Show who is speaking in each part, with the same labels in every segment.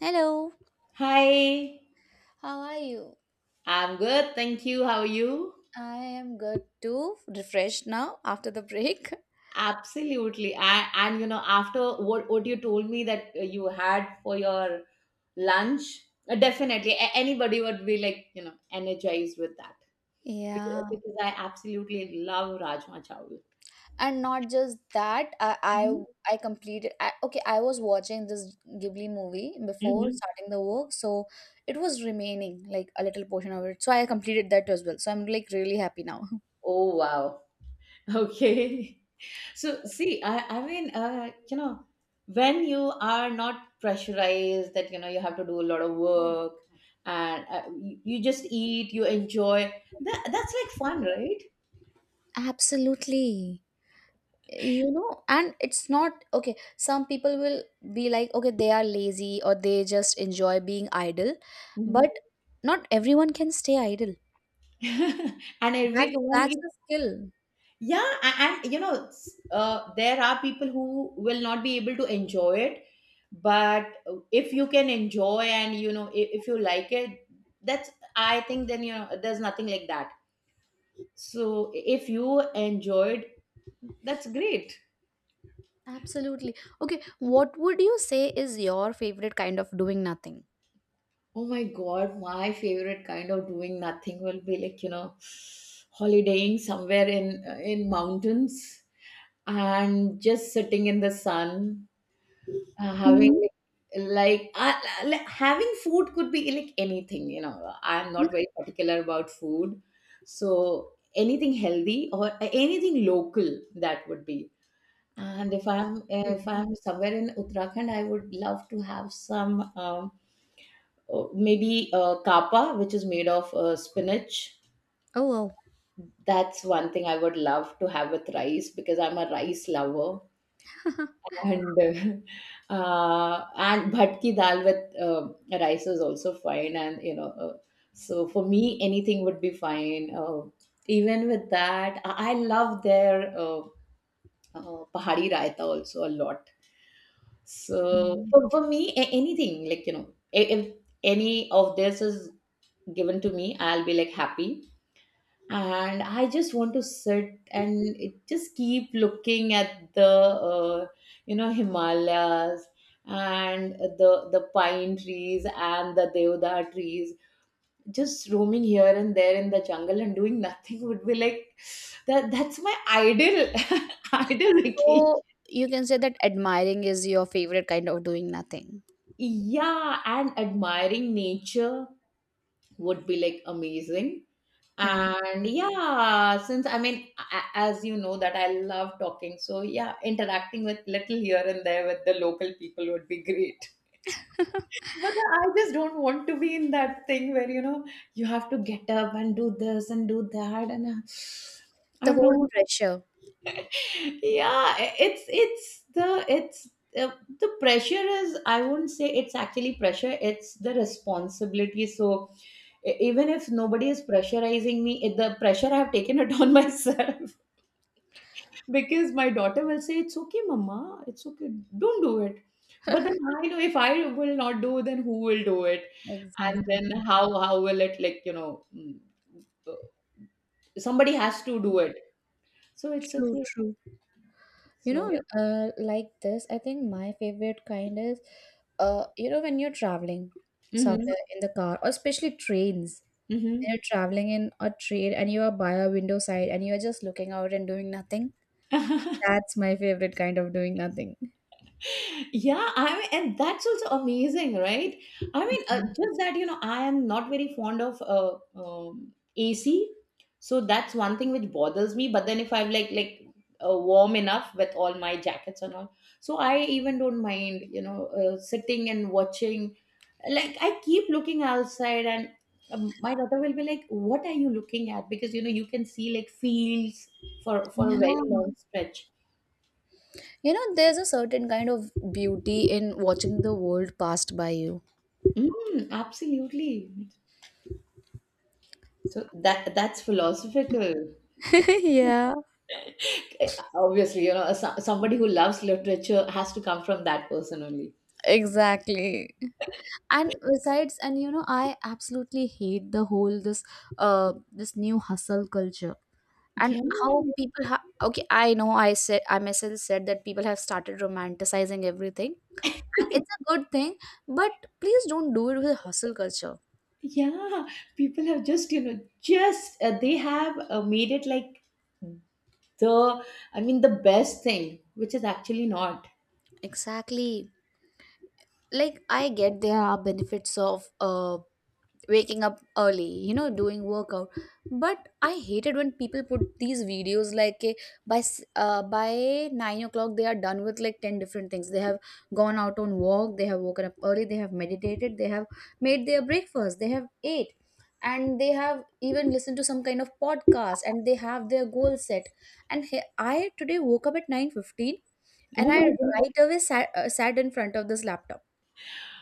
Speaker 1: Hello,
Speaker 2: Hi,
Speaker 1: how are you?
Speaker 2: I'm good. Thank you. How are you?
Speaker 1: I am good too, refreshed now after the break.
Speaker 2: Absolutely. I, and you know, after what you told me that you had for your lunch, definitely anybody would be like, you know, energized with that because, uh,
Speaker 1: Yeah.
Speaker 2: because I absolutely love Rajma Chawal.
Speaker 1: And not just that,
Speaker 2: Hmm.
Speaker 1: I completed. Okay, I was watching this Ghibli movie before
Speaker 2: Hmm.
Speaker 1: starting the work, so it was remaining like a little portion of it. So I completed that as well. So I'm like really happy now.
Speaker 2: Oh, wow. Okay. So, see, when you are not pressurized, that you know you have to do a lot of work, and you just eat, you enjoy. That's like fun, right?
Speaker 1: Absolutely. You know, and it's not okay, some people will be like, okay, they are lazy or they just enjoy being idle,
Speaker 2: Mhm.
Speaker 1: but not everyone can stay idle.
Speaker 2: and
Speaker 1: that's
Speaker 2: every one,
Speaker 1: that's
Speaker 2: gives-
Speaker 1: a skill.
Speaker 2: yeah, and you know, there are people who will not be able to enjoy it, but if you can enjoy and you know if you like it, that's, I think, then you know there's nothing like that. So if you enjoyed, that's great.
Speaker 1: Absolutely. Okay, what would you say is your favorite kind of doing nothing?
Speaker 2: Oh my God, my favorite kind of doing nothing will be like, you know, holidaying somewhere in mountains and just sitting in the sun, having
Speaker 1: Mhm.
Speaker 2: like having food could be like anything, you know. I'm not very particular about food. So anything healthy or anything local that would be. And if I'm somewhere in Uttarakhand, I would love to have some maybe kapa, which is made of spinach.
Speaker 1: Oh, wow.
Speaker 2: That's one thing I would love to have with rice because I'm a rice lover. And and bhatki dal with rice is also fine. And you know, so for me, anything would be fine. Even with that, I love their pahadi raita also a lot. So for me, anything like you know, if any of this is given to me, I'll be like happy. And I just want to sit and just keep looking at the you know Himalayas and the pine trees and the deodar trees. Just roaming here and there in the jungle and doing nothing would be like that. That's my ideal ideal vacation.
Speaker 1: So you can say that admiring is your favorite kind of doing nothing?
Speaker 2: Yeah, and admiring nature would be like amazing.
Speaker 1: Mm.
Speaker 2: And yeah, since I mean, as you know, that I love talking. So yeah, interacting with little here and there with the local people would be great. But I just don't want to be in that thing where, you know, you have to get up and do this and do that. And I
Speaker 1: The
Speaker 2: don't
Speaker 1: whole
Speaker 2: know,
Speaker 1: pressure.
Speaker 2: yeah. It's it's the it's uh, the pressure is, I wouldn't say it's actually pressure, it's the responsibility. So e- even if nobody is pressurizing me, it, the pressure I have taken it on myself, because my daughter will say it's okay mama, it's okay, don't do it. But then I know if I will not do, then who will do it, and
Speaker 1: Exactly.
Speaker 2: then how will it, like you know, mm, uh, somebody has to do it, so it's
Speaker 1: True,
Speaker 2: okay.
Speaker 1: true. You
Speaker 2: So
Speaker 1: know, like this, I think my favorite kind is, you know, when you're traveling
Speaker 2: mm-hmm.
Speaker 1: somewhere in the car, or especially trains. When
Speaker 2: Mm-hmm.
Speaker 1: you're traveling in a train and you are by a window side and you're just looking out and doing nothing. That's my favorite kind of doing nothing.
Speaker 2: Yeah, I mean, and that's also amazing, right? I mean, just that, you know, I am not very fond of AC. So that's one thing which bothers me. But then if I'm like, warm enough with all my jackets and all. So I even don't mind, you know, sitting and watching. Like, I keep looking outside, and my daughter will be like, "What are you looking at?" Because, you know, you can see like fields for a
Speaker 1: Yeah.
Speaker 2: very long stretch.
Speaker 1: You know, there's a certain kind of beauty in watching the world passed by you.
Speaker 2: Mm, absolutely. That's philosophical.
Speaker 1: Yeah.
Speaker 2: Eh, obviously, you know, somebody who loves literature has to come from that person only.
Speaker 1: Exactly. And besides, and you know, I absolutely hate the whole this new hustle culture. And
Speaker 2: Yeah,
Speaker 1: how okay, I know I myself said that people have started romanticizing everything, and it's a good thing. But please don't do it with hustle culture.
Speaker 2: yeah. People have just, you know, just they have made it like the, I mean, the best thing, which is actually not.
Speaker 1: Exactly. Like, I get there are benefits of waking up early, you know, doing workout. But I hated when people put these videos, like, by 9 o'clock they are done with like 10 different things. They have gone out on walk, they have woken up early, they have meditated, they have made their breakfast, they have ate, and they have even listened to some kind of podcast, and they have their goal set. And I today woke up at 9:15,
Speaker 2: Oh
Speaker 1: and I
Speaker 2: my God.
Speaker 1: right away sat in front of this laptop.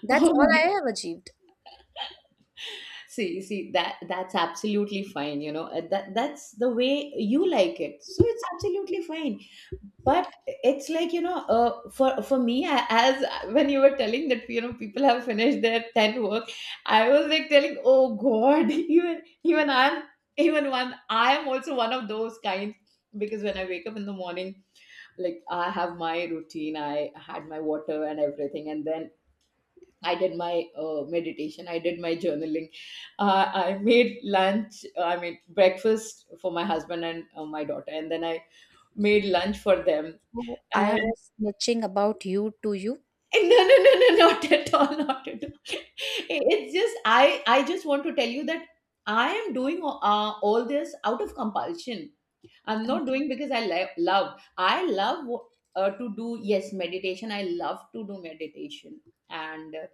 Speaker 1: That's
Speaker 2: Oh
Speaker 1: all
Speaker 2: my.
Speaker 1: I have achieved.
Speaker 2: See that's absolutely fine. You know, that's the way you like it, so it's absolutely fine. But it's like, you know, for me, as when you were telling that, you know, people have finished their 10 work, I was like telling, oh God, even even I'm even one, I am also one of those kinds, because when I wake up in the morning, like I have my routine, I had my water and everything, and then I did my meditation, I did my journaling, I made lunch, I made breakfast for my husband and my daughter, and then I made lunch for them.
Speaker 1: So I was snitching about you to you.
Speaker 2: Eh, no, no, no, no, not at all, not at all. It's just I just want to tell you that I am doing all this out of compulsion. I'm not doing because I love to do yes meditation. I love to do meditation, and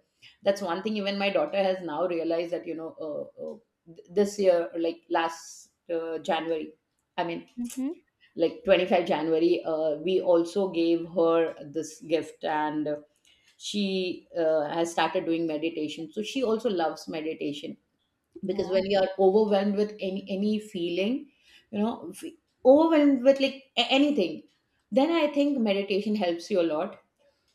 Speaker 2: that's one thing. Even my daughter has now realized that you know this year, like last January, I mean,
Speaker 1: Mm-hmm.
Speaker 2: like 25 January, we also gave her this gift, and she has started doing meditation, so she also loves meditation, because when
Speaker 1: Wow.
Speaker 2: you are overwhelmed with any feeling, you know, overwhelmed with like anything, then I think meditation helps you a lot.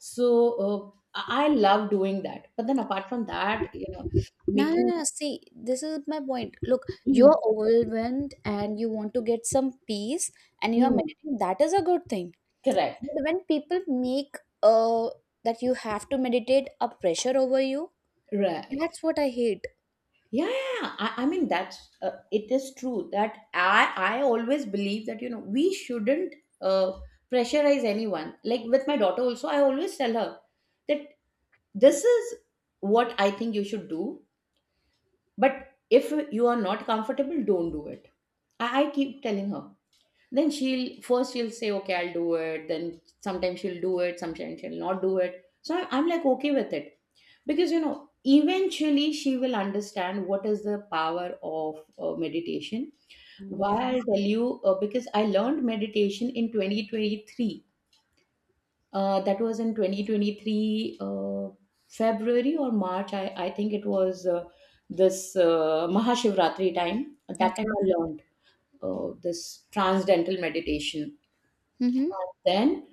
Speaker 2: So I love doing that, but then apart from that, you know,
Speaker 1: No, no,
Speaker 2: making.
Speaker 1: no. See, this is my point. Look, you
Speaker 2: Mm.
Speaker 1: are overwhelmed and you want to get some peace and you are
Speaker 2: Mm.
Speaker 1: meditating. That is a good thing.
Speaker 2: Correct.
Speaker 1: But when people make uh that you have to meditate a pressure over you,
Speaker 2: Right.
Speaker 1: that's what I hate.
Speaker 2: Yeah, yeah, yeah. I mean that's it is true that I always believe that you know we shouldn't uh, pressurize anyone. Like with my daughter also, I always tell her that this is what I think you should do, but if you are not comfortable, don't do it. I keep telling her, then she'll say okay I'll do it, then sometimes she'll do it, sometimes she'll not do it, so I'm like okay with it, because you know eventually she will understand what is the power of meditation. Why,
Speaker 1: Yeah.
Speaker 2: I'll tell you. Because I learned meditation in 2023. That was in 2023, February or March, I think it was this mahashivratri time, at that time
Speaker 1: Okay.
Speaker 2: I learned this transcendental meditation.
Speaker 1: Mm-hmm.
Speaker 2: Then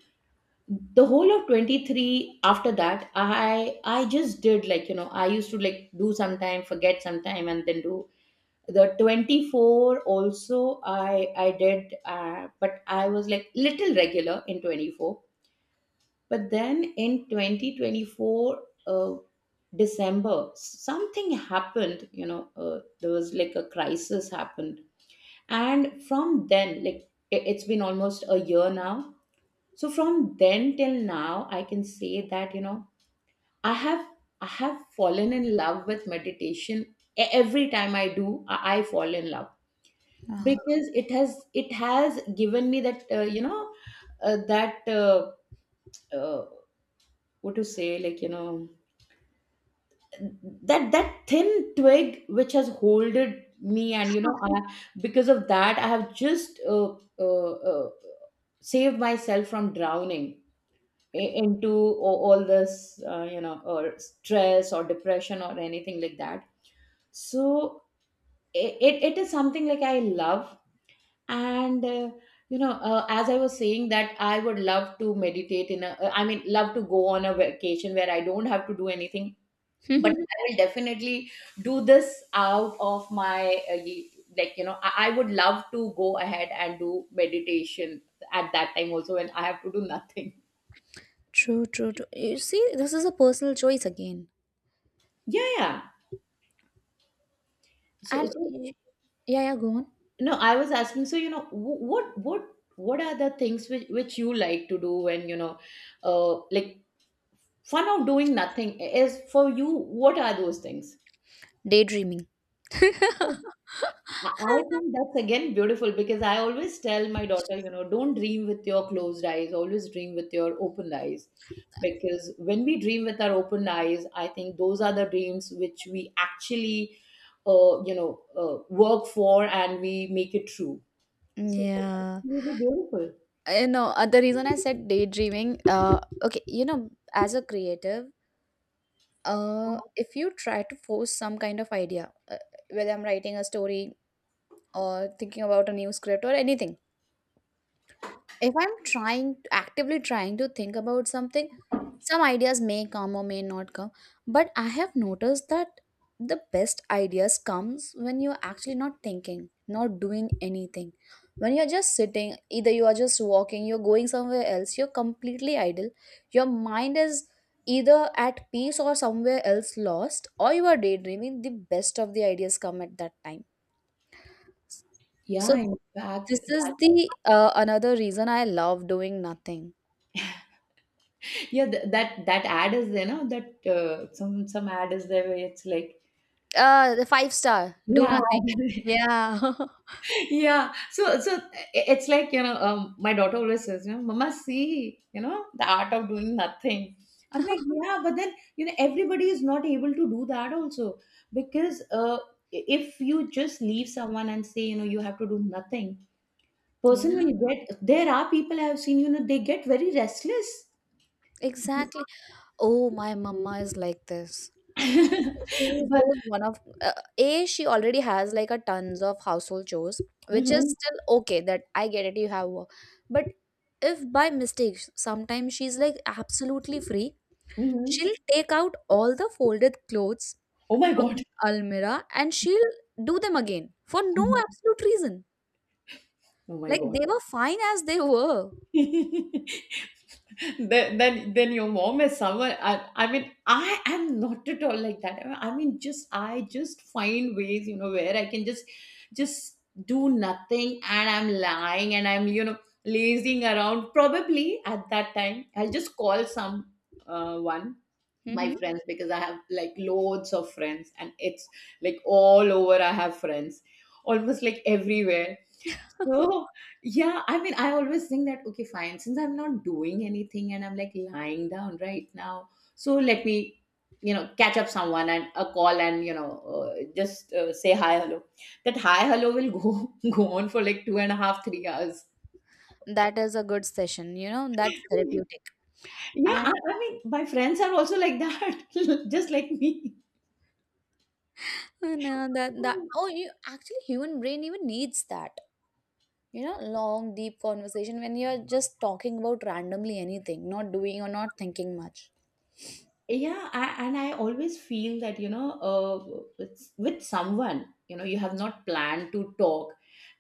Speaker 2: the whole of 23, after that I just did, like you know, I used to like do sometime, forget sometime, and then do. The 24 also I did, but I was like little regular in 24. But then in 2024, uh, December, something happened, you know, there was like a crisis happened, and from then, like, it- it's been almost a year now. So from then till now, I can say that you know I have, I have fallen in love with meditation. Every time I do, I fall in love,
Speaker 1: Wow.
Speaker 2: because it has, it has given me that uh, that uh, uh, what to say, like you know, that that thin twig which has holded me, and you know because of that I have just uh, uh, saved myself from drowning into all this, you know, or stress or depression or anything like that. So it is something like I love, and you know as I was saying that I would love to meditate in a, I mean love to go on a vacation where I don't have to do anything, but I will definitely do this out of my uh, y- like you know I would love to go ahead and do meditation at that time also, when I have to do nothing.
Speaker 1: True, true, true. You see, this is a personal choice again.
Speaker 2: Yeah, yeah. so
Speaker 1: And
Speaker 2: so
Speaker 1: yeah, yeah, go on.
Speaker 2: No, I was asking, so you know, what are the things which you like to do when you know, like fun of doing nothing is for you, what are those things?
Speaker 1: Daydreaming.
Speaker 2: Oh, I I think that's again beautiful because I always tell my daughter, you know, don't dream with your closed eyes, always dream with your open eyes. Because when we dream with our open eyes, I think those are the dreams which we actually, work for and we make it true. So that's
Speaker 1: Yeah.
Speaker 2: really beautiful.
Speaker 1: You know, the reason I said daydreaming, okay, you know, as a creative, if you try to force some kind of idea, whether I'm writing a story or thinking about a new script or anything. If I'm trying, actively trying to think about something, some ideas may come or may not come. But I have noticed that the best ideas comes when you're actually not thinking, not doing anything. When you're just sitting, either you are just walking, you're going somewhere else, you're completely idle, your mind is either at peace or somewhere else lost, or you are daydreaming, the best of the ideas come at that time. So
Speaker 2: Yeah, in fact,
Speaker 1: this is
Speaker 2: that,
Speaker 1: the, another reason I love doing nothing.
Speaker 2: yeah, that that ad is there, no? That some ad is there where it's like,
Speaker 1: The 5 star, do
Speaker 2: yeah,
Speaker 1: nothing. Yeah.
Speaker 2: yeah. So it's like you know, my daughter always says, you know, "Mama, see, you know, the art of doing nothing." I'm like, yeah, but then you know, everybody is not able to do that also, because if you just leave someone and say, you know, you have to do nothing,
Speaker 1: Yeah,
Speaker 2: person will get. There are people I have seen, you know, they get very restless.
Speaker 1: exactly. Oh, my mama is like this. She is
Speaker 2: But
Speaker 1: those one of, A, she already has like a tons of household chores, which is
Speaker 2: mhm.
Speaker 1: still okay, that I get it, you have work. But if by mistake sometimes she's like absolutely free,
Speaker 2: Mhm.
Speaker 1: she'll take out all the folded clothes
Speaker 2: Oh my
Speaker 1: from
Speaker 2: God.
Speaker 1: the almirah and she'll do them again for no absolute reason.
Speaker 2: Oh my
Speaker 1: Like
Speaker 2: God.
Speaker 1: they were fine as they were.
Speaker 2: Then your mom is someone. I mean, I am not at all like that. I mean, just I just find ways, you know, where I can just do nothing, and I'm lying, and I'm lazing around. Probably at that time, I'll just call some one my friends because I have like loads of friends, and it's like all over. I have friends almost like everywhere. So, yeah, I mean, I always think that, okay, fine, since I'm not doing anything and I'm like lying down right now, so let me, you know, catch up someone and a call and, you know, just say hi, hello. That hi, hello will go, go on for like two and a half, 3 hours.
Speaker 1: That is a good session, you know, that's therapeutic.
Speaker 2: Yeah,
Speaker 1: And
Speaker 2: I mean, my friends are also like that, just like me.
Speaker 1: and that oh, you actually human brain even needs that. You know, long deep conversation when you're just talking about randomly anything, not doing or not thinking much.
Speaker 2: Yeah, I always feel that it's with someone you know you have not planned to talk,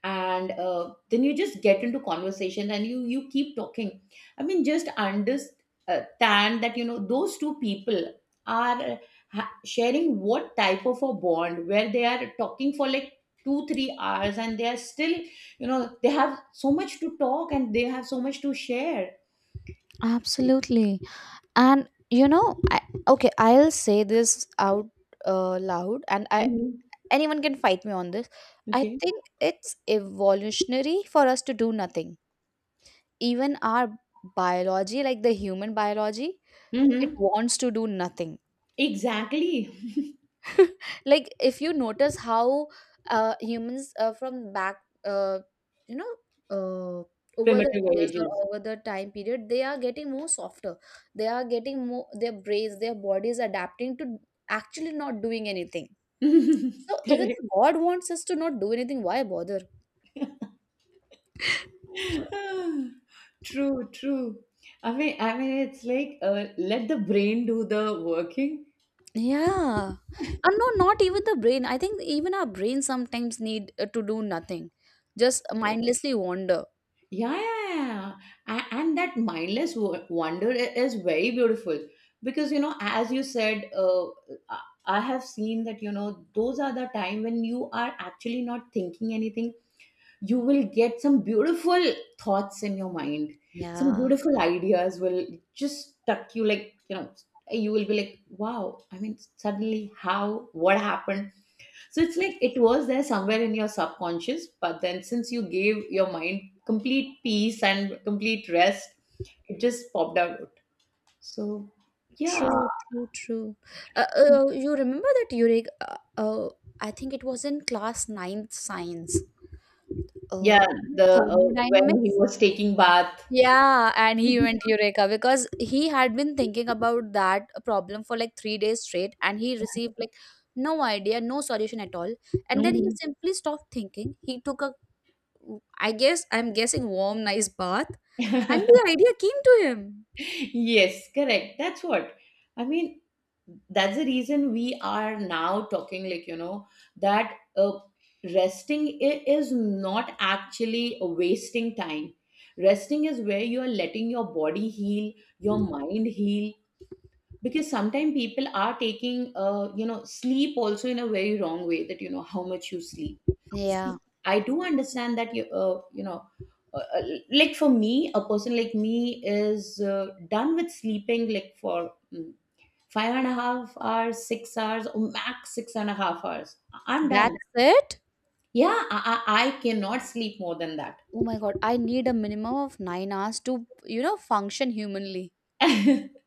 Speaker 2: and then you just get into conversation and you keep talking. I mean, just understand that you know those two people are sharing what type of a bond where they are talking for like 2 3 hours and they are still, you know, they have so much to talk and they have so much to share.
Speaker 1: Absolutely. And you know, okay, I'll say this out, loud, and I
Speaker 2: Mhm.
Speaker 1: anyone can fight me on this. I
Speaker 2: Okay.
Speaker 1: think it's evolutionary for us to do nothing. Even our biology, like the human biology, it
Speaker 2: Hmm.
Speaker 1: wants to do nothing.
Speaker 2: Exactly.
Speaker 1: Like, if you notice how, humans, from back, uh, you know, uh, over the
Speaker 2: Primitive
Speaker 1: years or
Speaker 2: ages.
Speaker 1: over the time period, they are getting more softer. They are getting more, their brains, their bodies adapting to actually not doing anything. So even
Speaker 2: Correct.
Speaker 1: God wants us to not do anything. Why bother?
Speaker 2: Ah, true, true. I mean, it's like let the brain do the working.
Speaker 1: Yeah. And no, not even the brain. I think even our brain sometimes need, to do nothing, just
Speaker 2: Yes.
Speaker 1: mindlessly wander.
Speaker 2: Yeah, yeah, yeah. And that mindless wonder is very beautiful because, you know, as you said, I I have seen that, you know, those are the time when you are actually not thinking anything, you will get some beautiful thoughts in your mind. Some
Speaker 1: Yeah.
Speaker 2: beautiful ideas will just tuck you, like, you know, you will be like wow, I mean, suddenly how, what happened? So it's like it was there somewhere in your subconscious, but then since you gave your mind complete peace and complete rest, it just popped out. So yeah.
Speaker 1: True, true, true. You remember that Eureka? I think it was in class ninth science.
Speaker 2: Yeah,
Speaker 1: Uh,
Speaker 2: the when he
Speaker 1: Thermodynamics.
Speaker 2: was taking bath.
Speaker 1: Yeah, and he went Eureka because he had been thinking about that problem for like 3 days straight, and he received like no idea, no solution at all. And then he
Speaker 2: Mhm.
Speaker 1: simply stopped thinking. He took a, I guess, I'm guessing, warm, nice bath, and the idea came to him.
Speaker 2: Yes, correct. That's what I mean, that's the reason we are now talking, like, you know, that resting is not actually wasting time. Resting is where you are letting your body heal, your mind heal, because sometimes people are taking you know, sleep also in a very wrong way, that you know how much you sleep. See,
Speaker 1: Yeah,
Speaker 2: I do understand that uh, uh, like for me, a person like me is done with sleeping like for five and a half hours, 6 hours, or max six and a half hours. I'm done.
Speaker 1: that's it.
Speaker 2: Yeah, I cannot sleep more than that.
Speaker 1: Oh my God, I need a minimum of 9 hours to, you know, function humanly.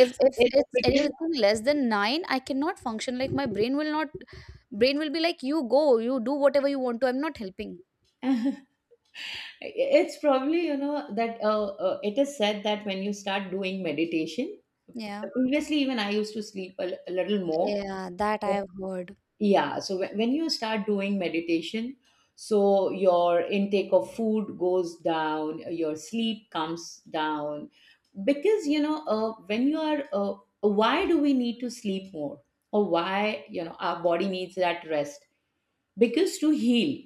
Speaker 1: if
Speaker 2: So
Speaker 1: if
Speaker 2: it's
Speaker 1: it's
Speaker 2: because.
Speaker 1: anything less than 9, I cannot function. Like, my brain will not, brain will be like, you go, you do whatever you want to, I'm not helping.
Speaker 2: It's probably, you know, that it is said that when you start doing meditation,
Speaker 1: Yeah.
Speaker 2: previously even I used to sleep a little more.
Speaker 1: Yeah, that I
Speaker 2: But
Speaker 1: have heard.
Speaker 2: yeah, so when you start doing meditation, so your intake of food goes down, your sleep comes down. Because, you know, when you are, why do we need to sleep more? Or why, you know, our body needs that rest? Because to heal.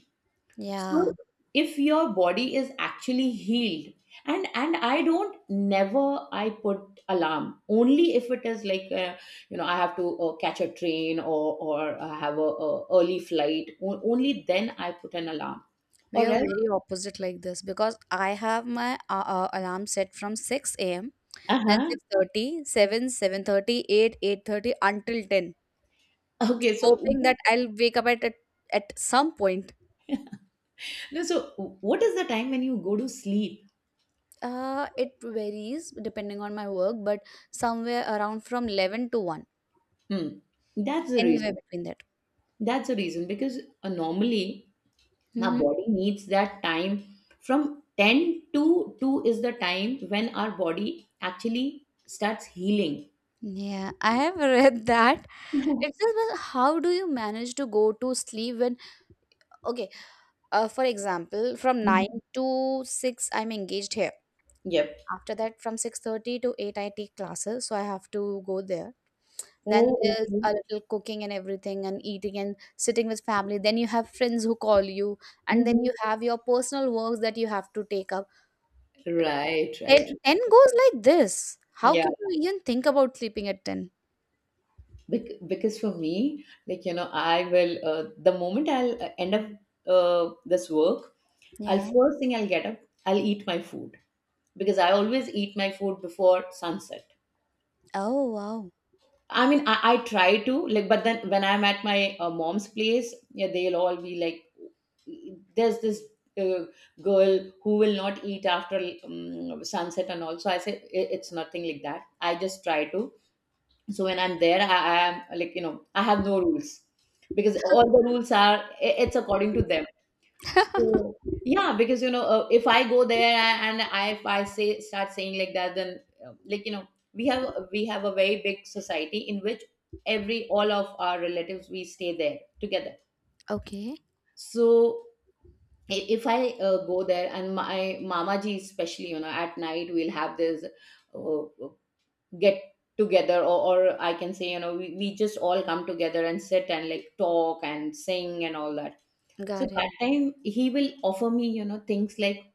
Speaker 2: So
Speaker 1: Yeah,
Speaker 2: if your body is actually healed, and I don't never I put alarm only if it is like you know, I have to catch a train, or I have a early flight. Only then I put an alarm,
Speaker 1: we
Speaker 2: or
Speaker 1: are
Speaker 2: else.
Speaker 1: very opposite like this because I have my, alarm set from 6 a.m.
Speaker 2: Uh
Speaker 1: then
Speaker 2: huh.
Speaker 1: six thirty, seven, 7:30, 8:30 until 10,
Speaker 2: Okay. So
Speaker 1: hoping
Speaker 2: no.
Speaker 1: that I'll wake up at some point.
Speaker 2: So what is the time when you go to sleep?
Speaker 1: It varies depending on my work, but somewhere around from 11 to 1,
Speaker 2: Hmm. That's the
Speaker 1: anywhere
Speaker 2: reason.
Speaker 1: between that.
Speaker 2: That's the reason because normally our
Speaker 1: Hmm.
Speaker 2: body needs that time. From 10 to 2 is the time when our body actually starts healing.
Speaker 1: Yeah, I have read that.
Speaker 2: Mhm.
Speaker 1: It's just, well, how do you manage to go to sleep when, okay, for example, from
Speaker 2: Mhm.
Speaker 1: 9 to 6, I'm engaged here.
Speaker 2: Yep.
Speaker 1: After that, from 6:30 to 8, I take classes, so I have to go there. Then
Speaker 2: Oh,
Speaker 1: there's
Speaker 2: okay.
Speaker 1: a little cooking and everything and eating and sitting with family. Then you have friends who call you, and
Speaker 2: Mhm.
Speaker 1: then you have your personal works that you have to take up.
Speaker 2: Right,
Speaker 1: 10,
Speaker 2: right.
Speaker 1: ten goes like this. How
Speaker 2: Yeah.
Speaker 1: can you even think about sleeping at 10?
Speaker 2: Because for me, like, you know, I will, the moment I'll end up this work, I'll
Speaker 1: Yeah.
Speaker 2: first thing I'll get up, I'll eat my food because I always eat my food before sunset.
Speaker 1: Oh, wow.
Speaker 2: I mean, I try to like, but then when I'm at my mom's place, yeah, they'll all be like, "There's this uh, girl who will not eat after sunset," and all. So I say, It's nothing like that. I just try to." So when I'm there, I am like, you know, I have no rules because all the rules are it's according to them. So yeah, because you know, if I go there and I, if I say start saying like that, then like you know, we have we have a very big society in which every all of our relatives we stay there together.
Speaker 1: Okay.
Speaker 2: So if I go there and my mama ji especially, you know, at night we'll have this uh, get together, or I can say, you know, we just all come together and sit and like talk and sing and all that. So
Speaker 1: Got it.
Speaker 2: that time he will offer me, you know, things like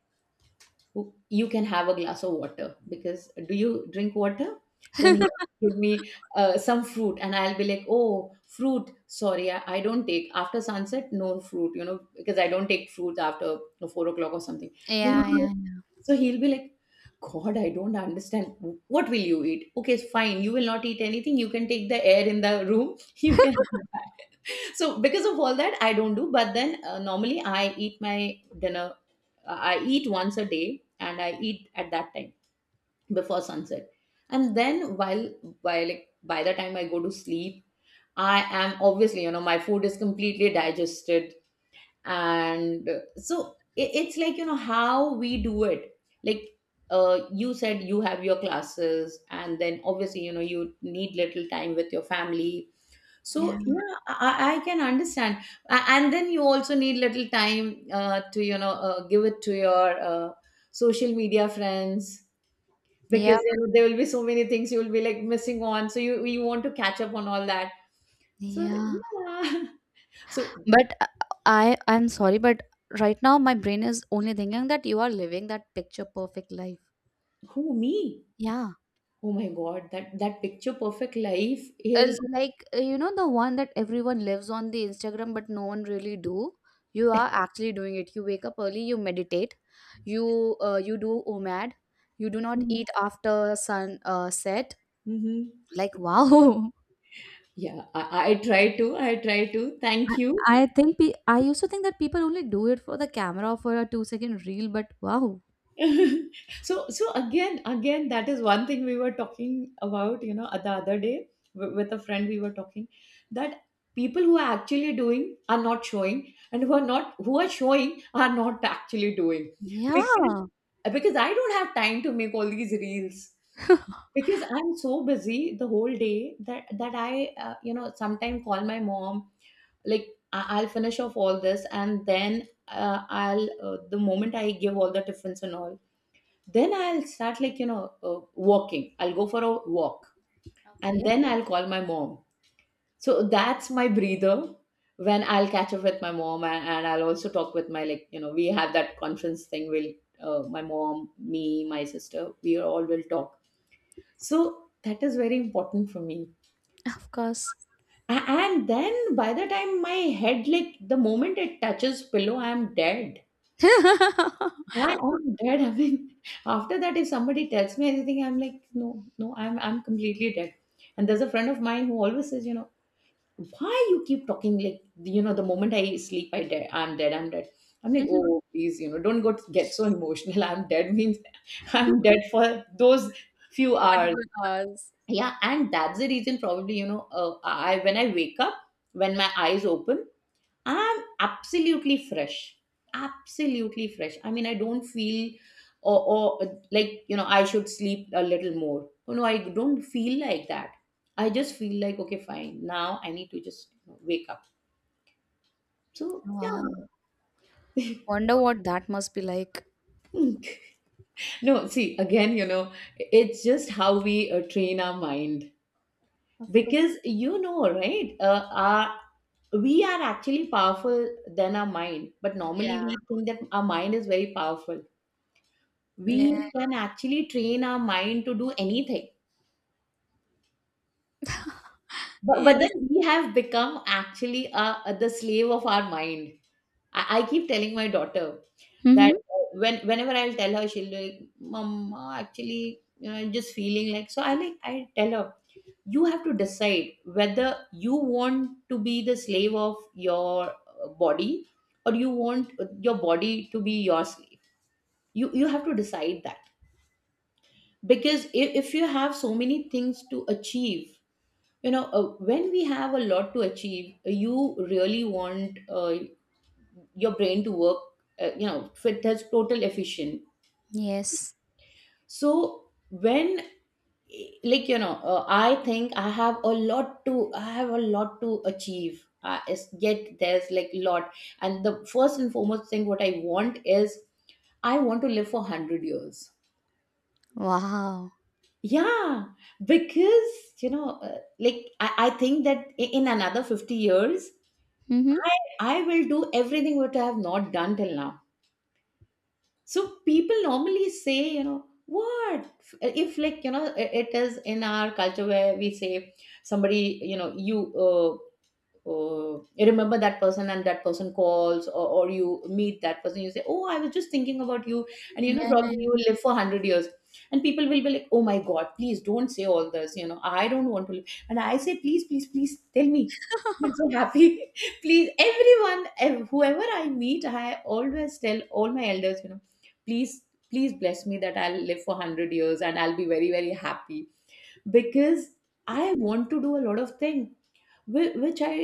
Speaker 2: you can have a glass of water. Because do you drink water? Then he give me some fruit, and I'll be like, oh fruit, sorry, I don't take after sunset, no fruit, you know, because I don't take fruits after, you know, 4 o'clock or something. And he'll
Speaker 1: Yeah,
Speaker 2: be like,
Speaker 1: yeah,
Speaker 2: so he'll be like, god, I don't understand what will you eat. Okay, it's fine, you will not eat anything, you can take the air in the room. You can, so because of all that I don't do. But then normally I eat my dinner, I eat once a day and I eat at that time before sunset. And then while like by the time I go to sleep, I am obviously, you know, my food is completely digested. And so it, it's like you know how we do it, like you said you have your classes and then obviously you know you need little time with your family. So
Speaker 1: yeah,
Speaker 2: yeah, I can understand. And then you also need little time to you know give it to your social media friends,
Speaker 1: yeah.
Speaker 2: because you know, there will be so many things you will be like missing on. So you want to catch up on all that. So
Speaker 1: Yeah.
Speaker 2: yeah. So
Speaker 1: But, I'm sorry, but right now my brain is only thinking that you are living that picture perfect life.
Speaker 2: who me?
Speaker 1: Yeah.
Speaker 2: Oh my God, that that picture perfect life is.
Speaker 1: Like, you know, the one that everyone lives on the Instagram, but no one really do. You are actually doing it. You wake up early, you meditate, you do OMAD, you do not eat after sun, set.
Speaker 2: Mhm.
Speaker 1: Like, wow.
Speaker 2: Yeah, I try to. I try to. Thank you.
Speaker 1: I used to think that people only do it for the camera for a 2-second reel, but wow.
Speaker 2: So again that is one thing we were talking about, you know, the other day with a friend we were talking, that people who are actually doing are not showing, and who are not who are showing are not actually doing. because
Speaker 1: Yeah.
Speaker 2: because I don't have time to make all these reels, because I'm so busy the whole day that that I you know sometimes call my mom, like I'll finish off all this, and then I'll the moment I give all the tiffins and all, then I'll start like you know walking, I'll go for a walk.
Speaker 1: Okay.
Speaker 2: And then I'll call my mom. So that's my breather, when I'll catch up with my mom, and I'll also talk with my, like you know, we have that conference thing, we'll my mom, me, my sister, we all will talk. So that is very important for me.
Speaker 1: Of course.
Speaker 2: And then by the time my head, like the moment it touches pillow, I'm dead. I am dead. I mean, after that, if somebody tells me anything, I'm like, no, no, I'm completely dead. And there's a friend of mine who always says, you know, why you keep talking like, you know, the moment I sleep, I dead, I'm dead, I'm dead. I'm like, oh, please, you know, don't go get so emotional. I'm dead means I'm dead for those few hours.
Speaker 1: Particular hours.
Speaker 2: Yeah, and that's the reason probably, you know, I when I wake up, when my eyes open, I'm absolutely fresh. Absolutely fresh. I mean, I don't feel, or, or like, you know, I should sleep a little more. Oh, no, I don't feel like that. I just feel like, okay, fine, now I need to just you know, wake up. So, yeah.
Speaker 1: Wow. Wonder what that must be like.
Speaker 2: Hmm. No, see, again, you know, it's just how we train our mind.
Speaker 1: Of course.
Speaker 2: Because, you know, right? We are actually powerful than our mind. But normally we
Speaker 1: Yeah.
Speaker 2: think that our mind is very powerful.
Speaker 1: Yeah.
Speaker 2: We can actually train our mind to do anything, but then
Speaker 1: Yes.
Speaker 2: we have become actually the slave of our mind. I keep telling my daughter that
Speaker 1: Mm-hmm.
Speaker 2: when whenever I'll tell her, she'll be like, "Mom, actually you know, I'm just feeling like," so I tell her, you have to decide whether you want to be the slave of your body, or you want your body to be your slave. You have to decide that, because if you have so many things to achieve. When we have a lot to achieve, you really want your brain to work, you know, fit as total efficient.
Speaker 1: Yes.
Speaker 2: So when, I think I have a lot to I have a lot to achieve. Yet there's like lot, and the first and foremost thing what I want is, I want to live for 100 years.
Speaker 1: Wow.
Speaker 2: Yeah, because like I think that in another 50 years,
Speaker 1: Mm-hmm.
Speaker 2: I, I will do everything what I have not done till now. So people normally say, you know what, if like you know I- it is in our culture where we say somebody, you know, you uh, oh, you remember that person, and that person calls, or you meet that person, you say, "Oh, I was just thinking about you, and you know,
Speaker 1: Yeah.
Speaker 2: probably you will live for 100 years." And people will be like, "Oh my god, please don't say all this, you know, I don't want to live." And I say, please, please, please tell me, I'm so happy. Please, everyone, whoever I meet, I always tell all my elders, you know, please, please bless me that I'll live for 100 years, and I'll be very, very happy, because I want to do a lot of things which I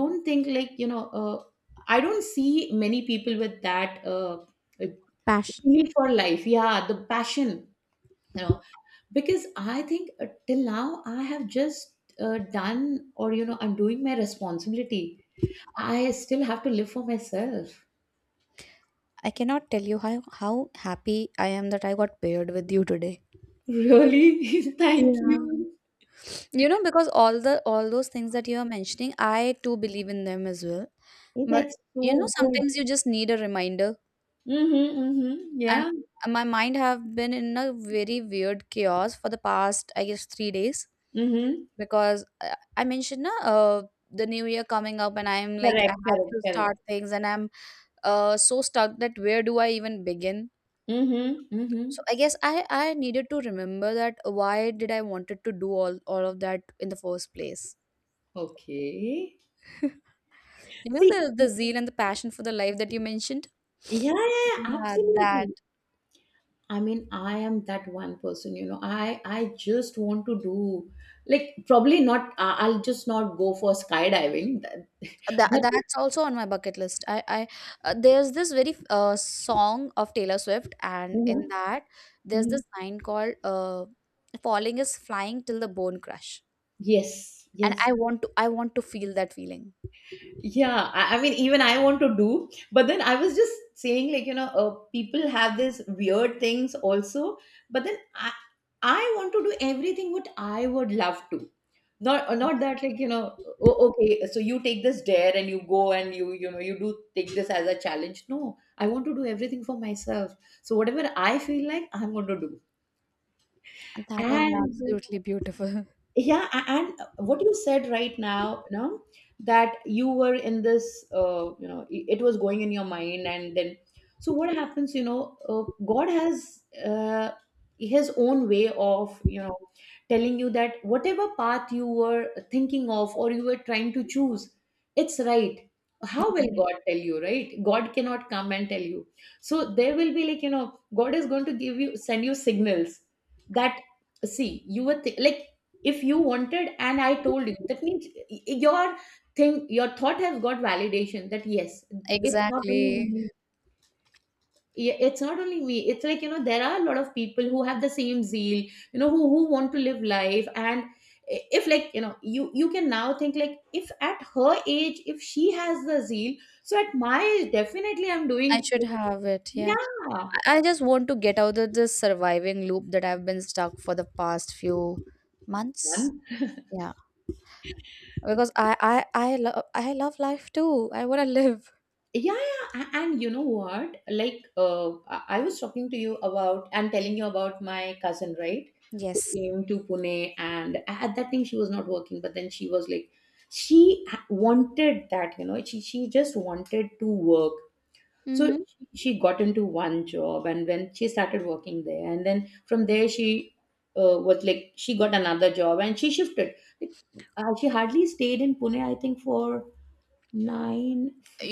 Speaker 2: don't think, like, you know, I don't see many people with that uh,
Speaker 1: Passion.
Speaker 2: feel for life. Yeah, the passion, you know. Because I think, till now, I have just done, or you know, I'm doing my responsibility. I still have to live for myself.
Speaker 1: I cannot tell you how happy I am that I got paired with you today.
Speaker 2: Really? Thank
Speaker 1: Yeah.
Speaker 2: you.
Speaker 1: You know, because all those things that you are mentioning, I too believe in them as well.
Speaker 2: Oh,
Speaker 1: But
Speaker 2: that's
Speaker 1: you know,
Speaker 2: so good.
Speaker 1: sometimes you just need a reminder.
Speaker 2: Mm-hmm, mm-hmm,
Speaker 1: And
Speaker 2: yeah.
Speaker 1: my mind have been in a very weird chaos for the past, I guess, 3 days,
Speaker 2: Mm-hmm.
Speaker 1: because I mentioned na, the new year coming up, and I'm like, I
Speaker 2: Correct,
Speaker 1: have
Speaker 2: correct,
Speaker 1: to
Speaker 2: correct.
Speaker 1: start things, and I'm, so stuck that where do I even begin?
Speaker 2: Mm-hmm, mm-hmm.
Speaker 1: So I guess I needed to remember that why did I wanted to do all of that in the first place.
Speaker 2: Okay.
Speaker 1: You know
Speaker 2: See,
Speaker 1: the zeal and the passion for the life that you mentioned?
Speaker 2: yeah, yeah, yeah,
Speaker 1: Yeah,
Speaker 2: absolutely. I mean, I am that one person, you know. I just want to do, like, probably not. I'll just not go for skydiving. That, that,
Speaker 1: that's also on my bucket list. I There's this very song of Taylor Swift, and
Speaker 2: mhm,
Speaker 1: in that there's this
Speaker 2: mhm.
Speaker 1: line called, "Falling is flying till the bone crush,"
Speaker 2: Yes,
Speaker 1: and
Speaker 2: yes.
Speaker 1: I want to feel that feeling.
Speaker 2: Yeah, I mean, even I want to do, but then I was just saying, like, you know, people have these weird things also, but then I want to do everything what I would love to. Not not that, like, you know, okay, so you take this dare and you go and you know, you do take this as a challenge. No, I want to do everything for myself, so whatever I feel like, I'm going to do.
Speaker 1: That is
Speaker 2: And
Speaker 1: absolutely beautiful.
Speaker 2: yeah, and what you said right now, you know, that you were in this, it was going in your mind, and then, so what happens, you know, god has his own way of, you know, telling you that whatever path you were thinking of or you were trying to choose, it's right. How
Speaker 1: Yeah,
Speaker 2: will god tell you, right? God cannot come and tell you. So there will be, like, you know, god is going to give you, send you signals that, see, you were like, if you wanted and I told you, that means your thing, your thought has got validation, that yes, it's not only
Speaker 1: exactly.
Speaker 2: me. Yeah, it's not only me. It's like, you know, there are a lot of people who have the same zeal, you know, who want to live life. And if, like, you know, you can now think, like, if at her age, if she has the zeal, so at my age, definitely I'm
Speaker 1: I
Speaker 2: doing.
Speaker 1: should have it. Yeah.
Speaker 2: Yeah.
Speaker 1: I just want to get out of this surviving loop that I've been stuck for the past few months.
Speaker 2: One.
Speaker 1: Yeah, because I love life too. I want to live.
Speaker 2: Yeah, yeah, and you know what, like, I was talking to you about and telling you about my cousin, right, who
Speaker 1: Yes.
Speaker 2: came to Pune, and at that time she was not working, but then she was like, she wanted that, you know, she just wanted to work. So
Speaker 1: Mm-hmm.
Speaker 2: she got into one job, and when she started working there, and then from there, she was like, she got another job and she shifted. Like, she hardly stayed in Pune, I think, for nine,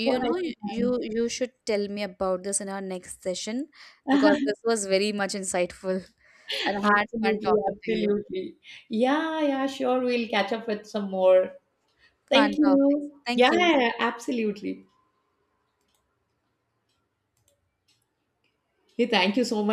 Speaker 2: for I
Speaker 1: know,
Speaker 2: think,
Speaker 1: you should tell me about this in our next session because this was very much insightful. And I had fun
Speaker 2: absolutely,
Speaker 1: talking to you.
Speaker 2: absolutely. Yeah, yeah, sure. We'll catch up with some more.
Speaker 1: Fun
Speaker 2: Thank
Speaker 1: topics.
Speaker 2: you. Yeah,
Speaker 1: Thank you.
Speaker 2: yeah, yeah, absolutely. Hey, thank you so much.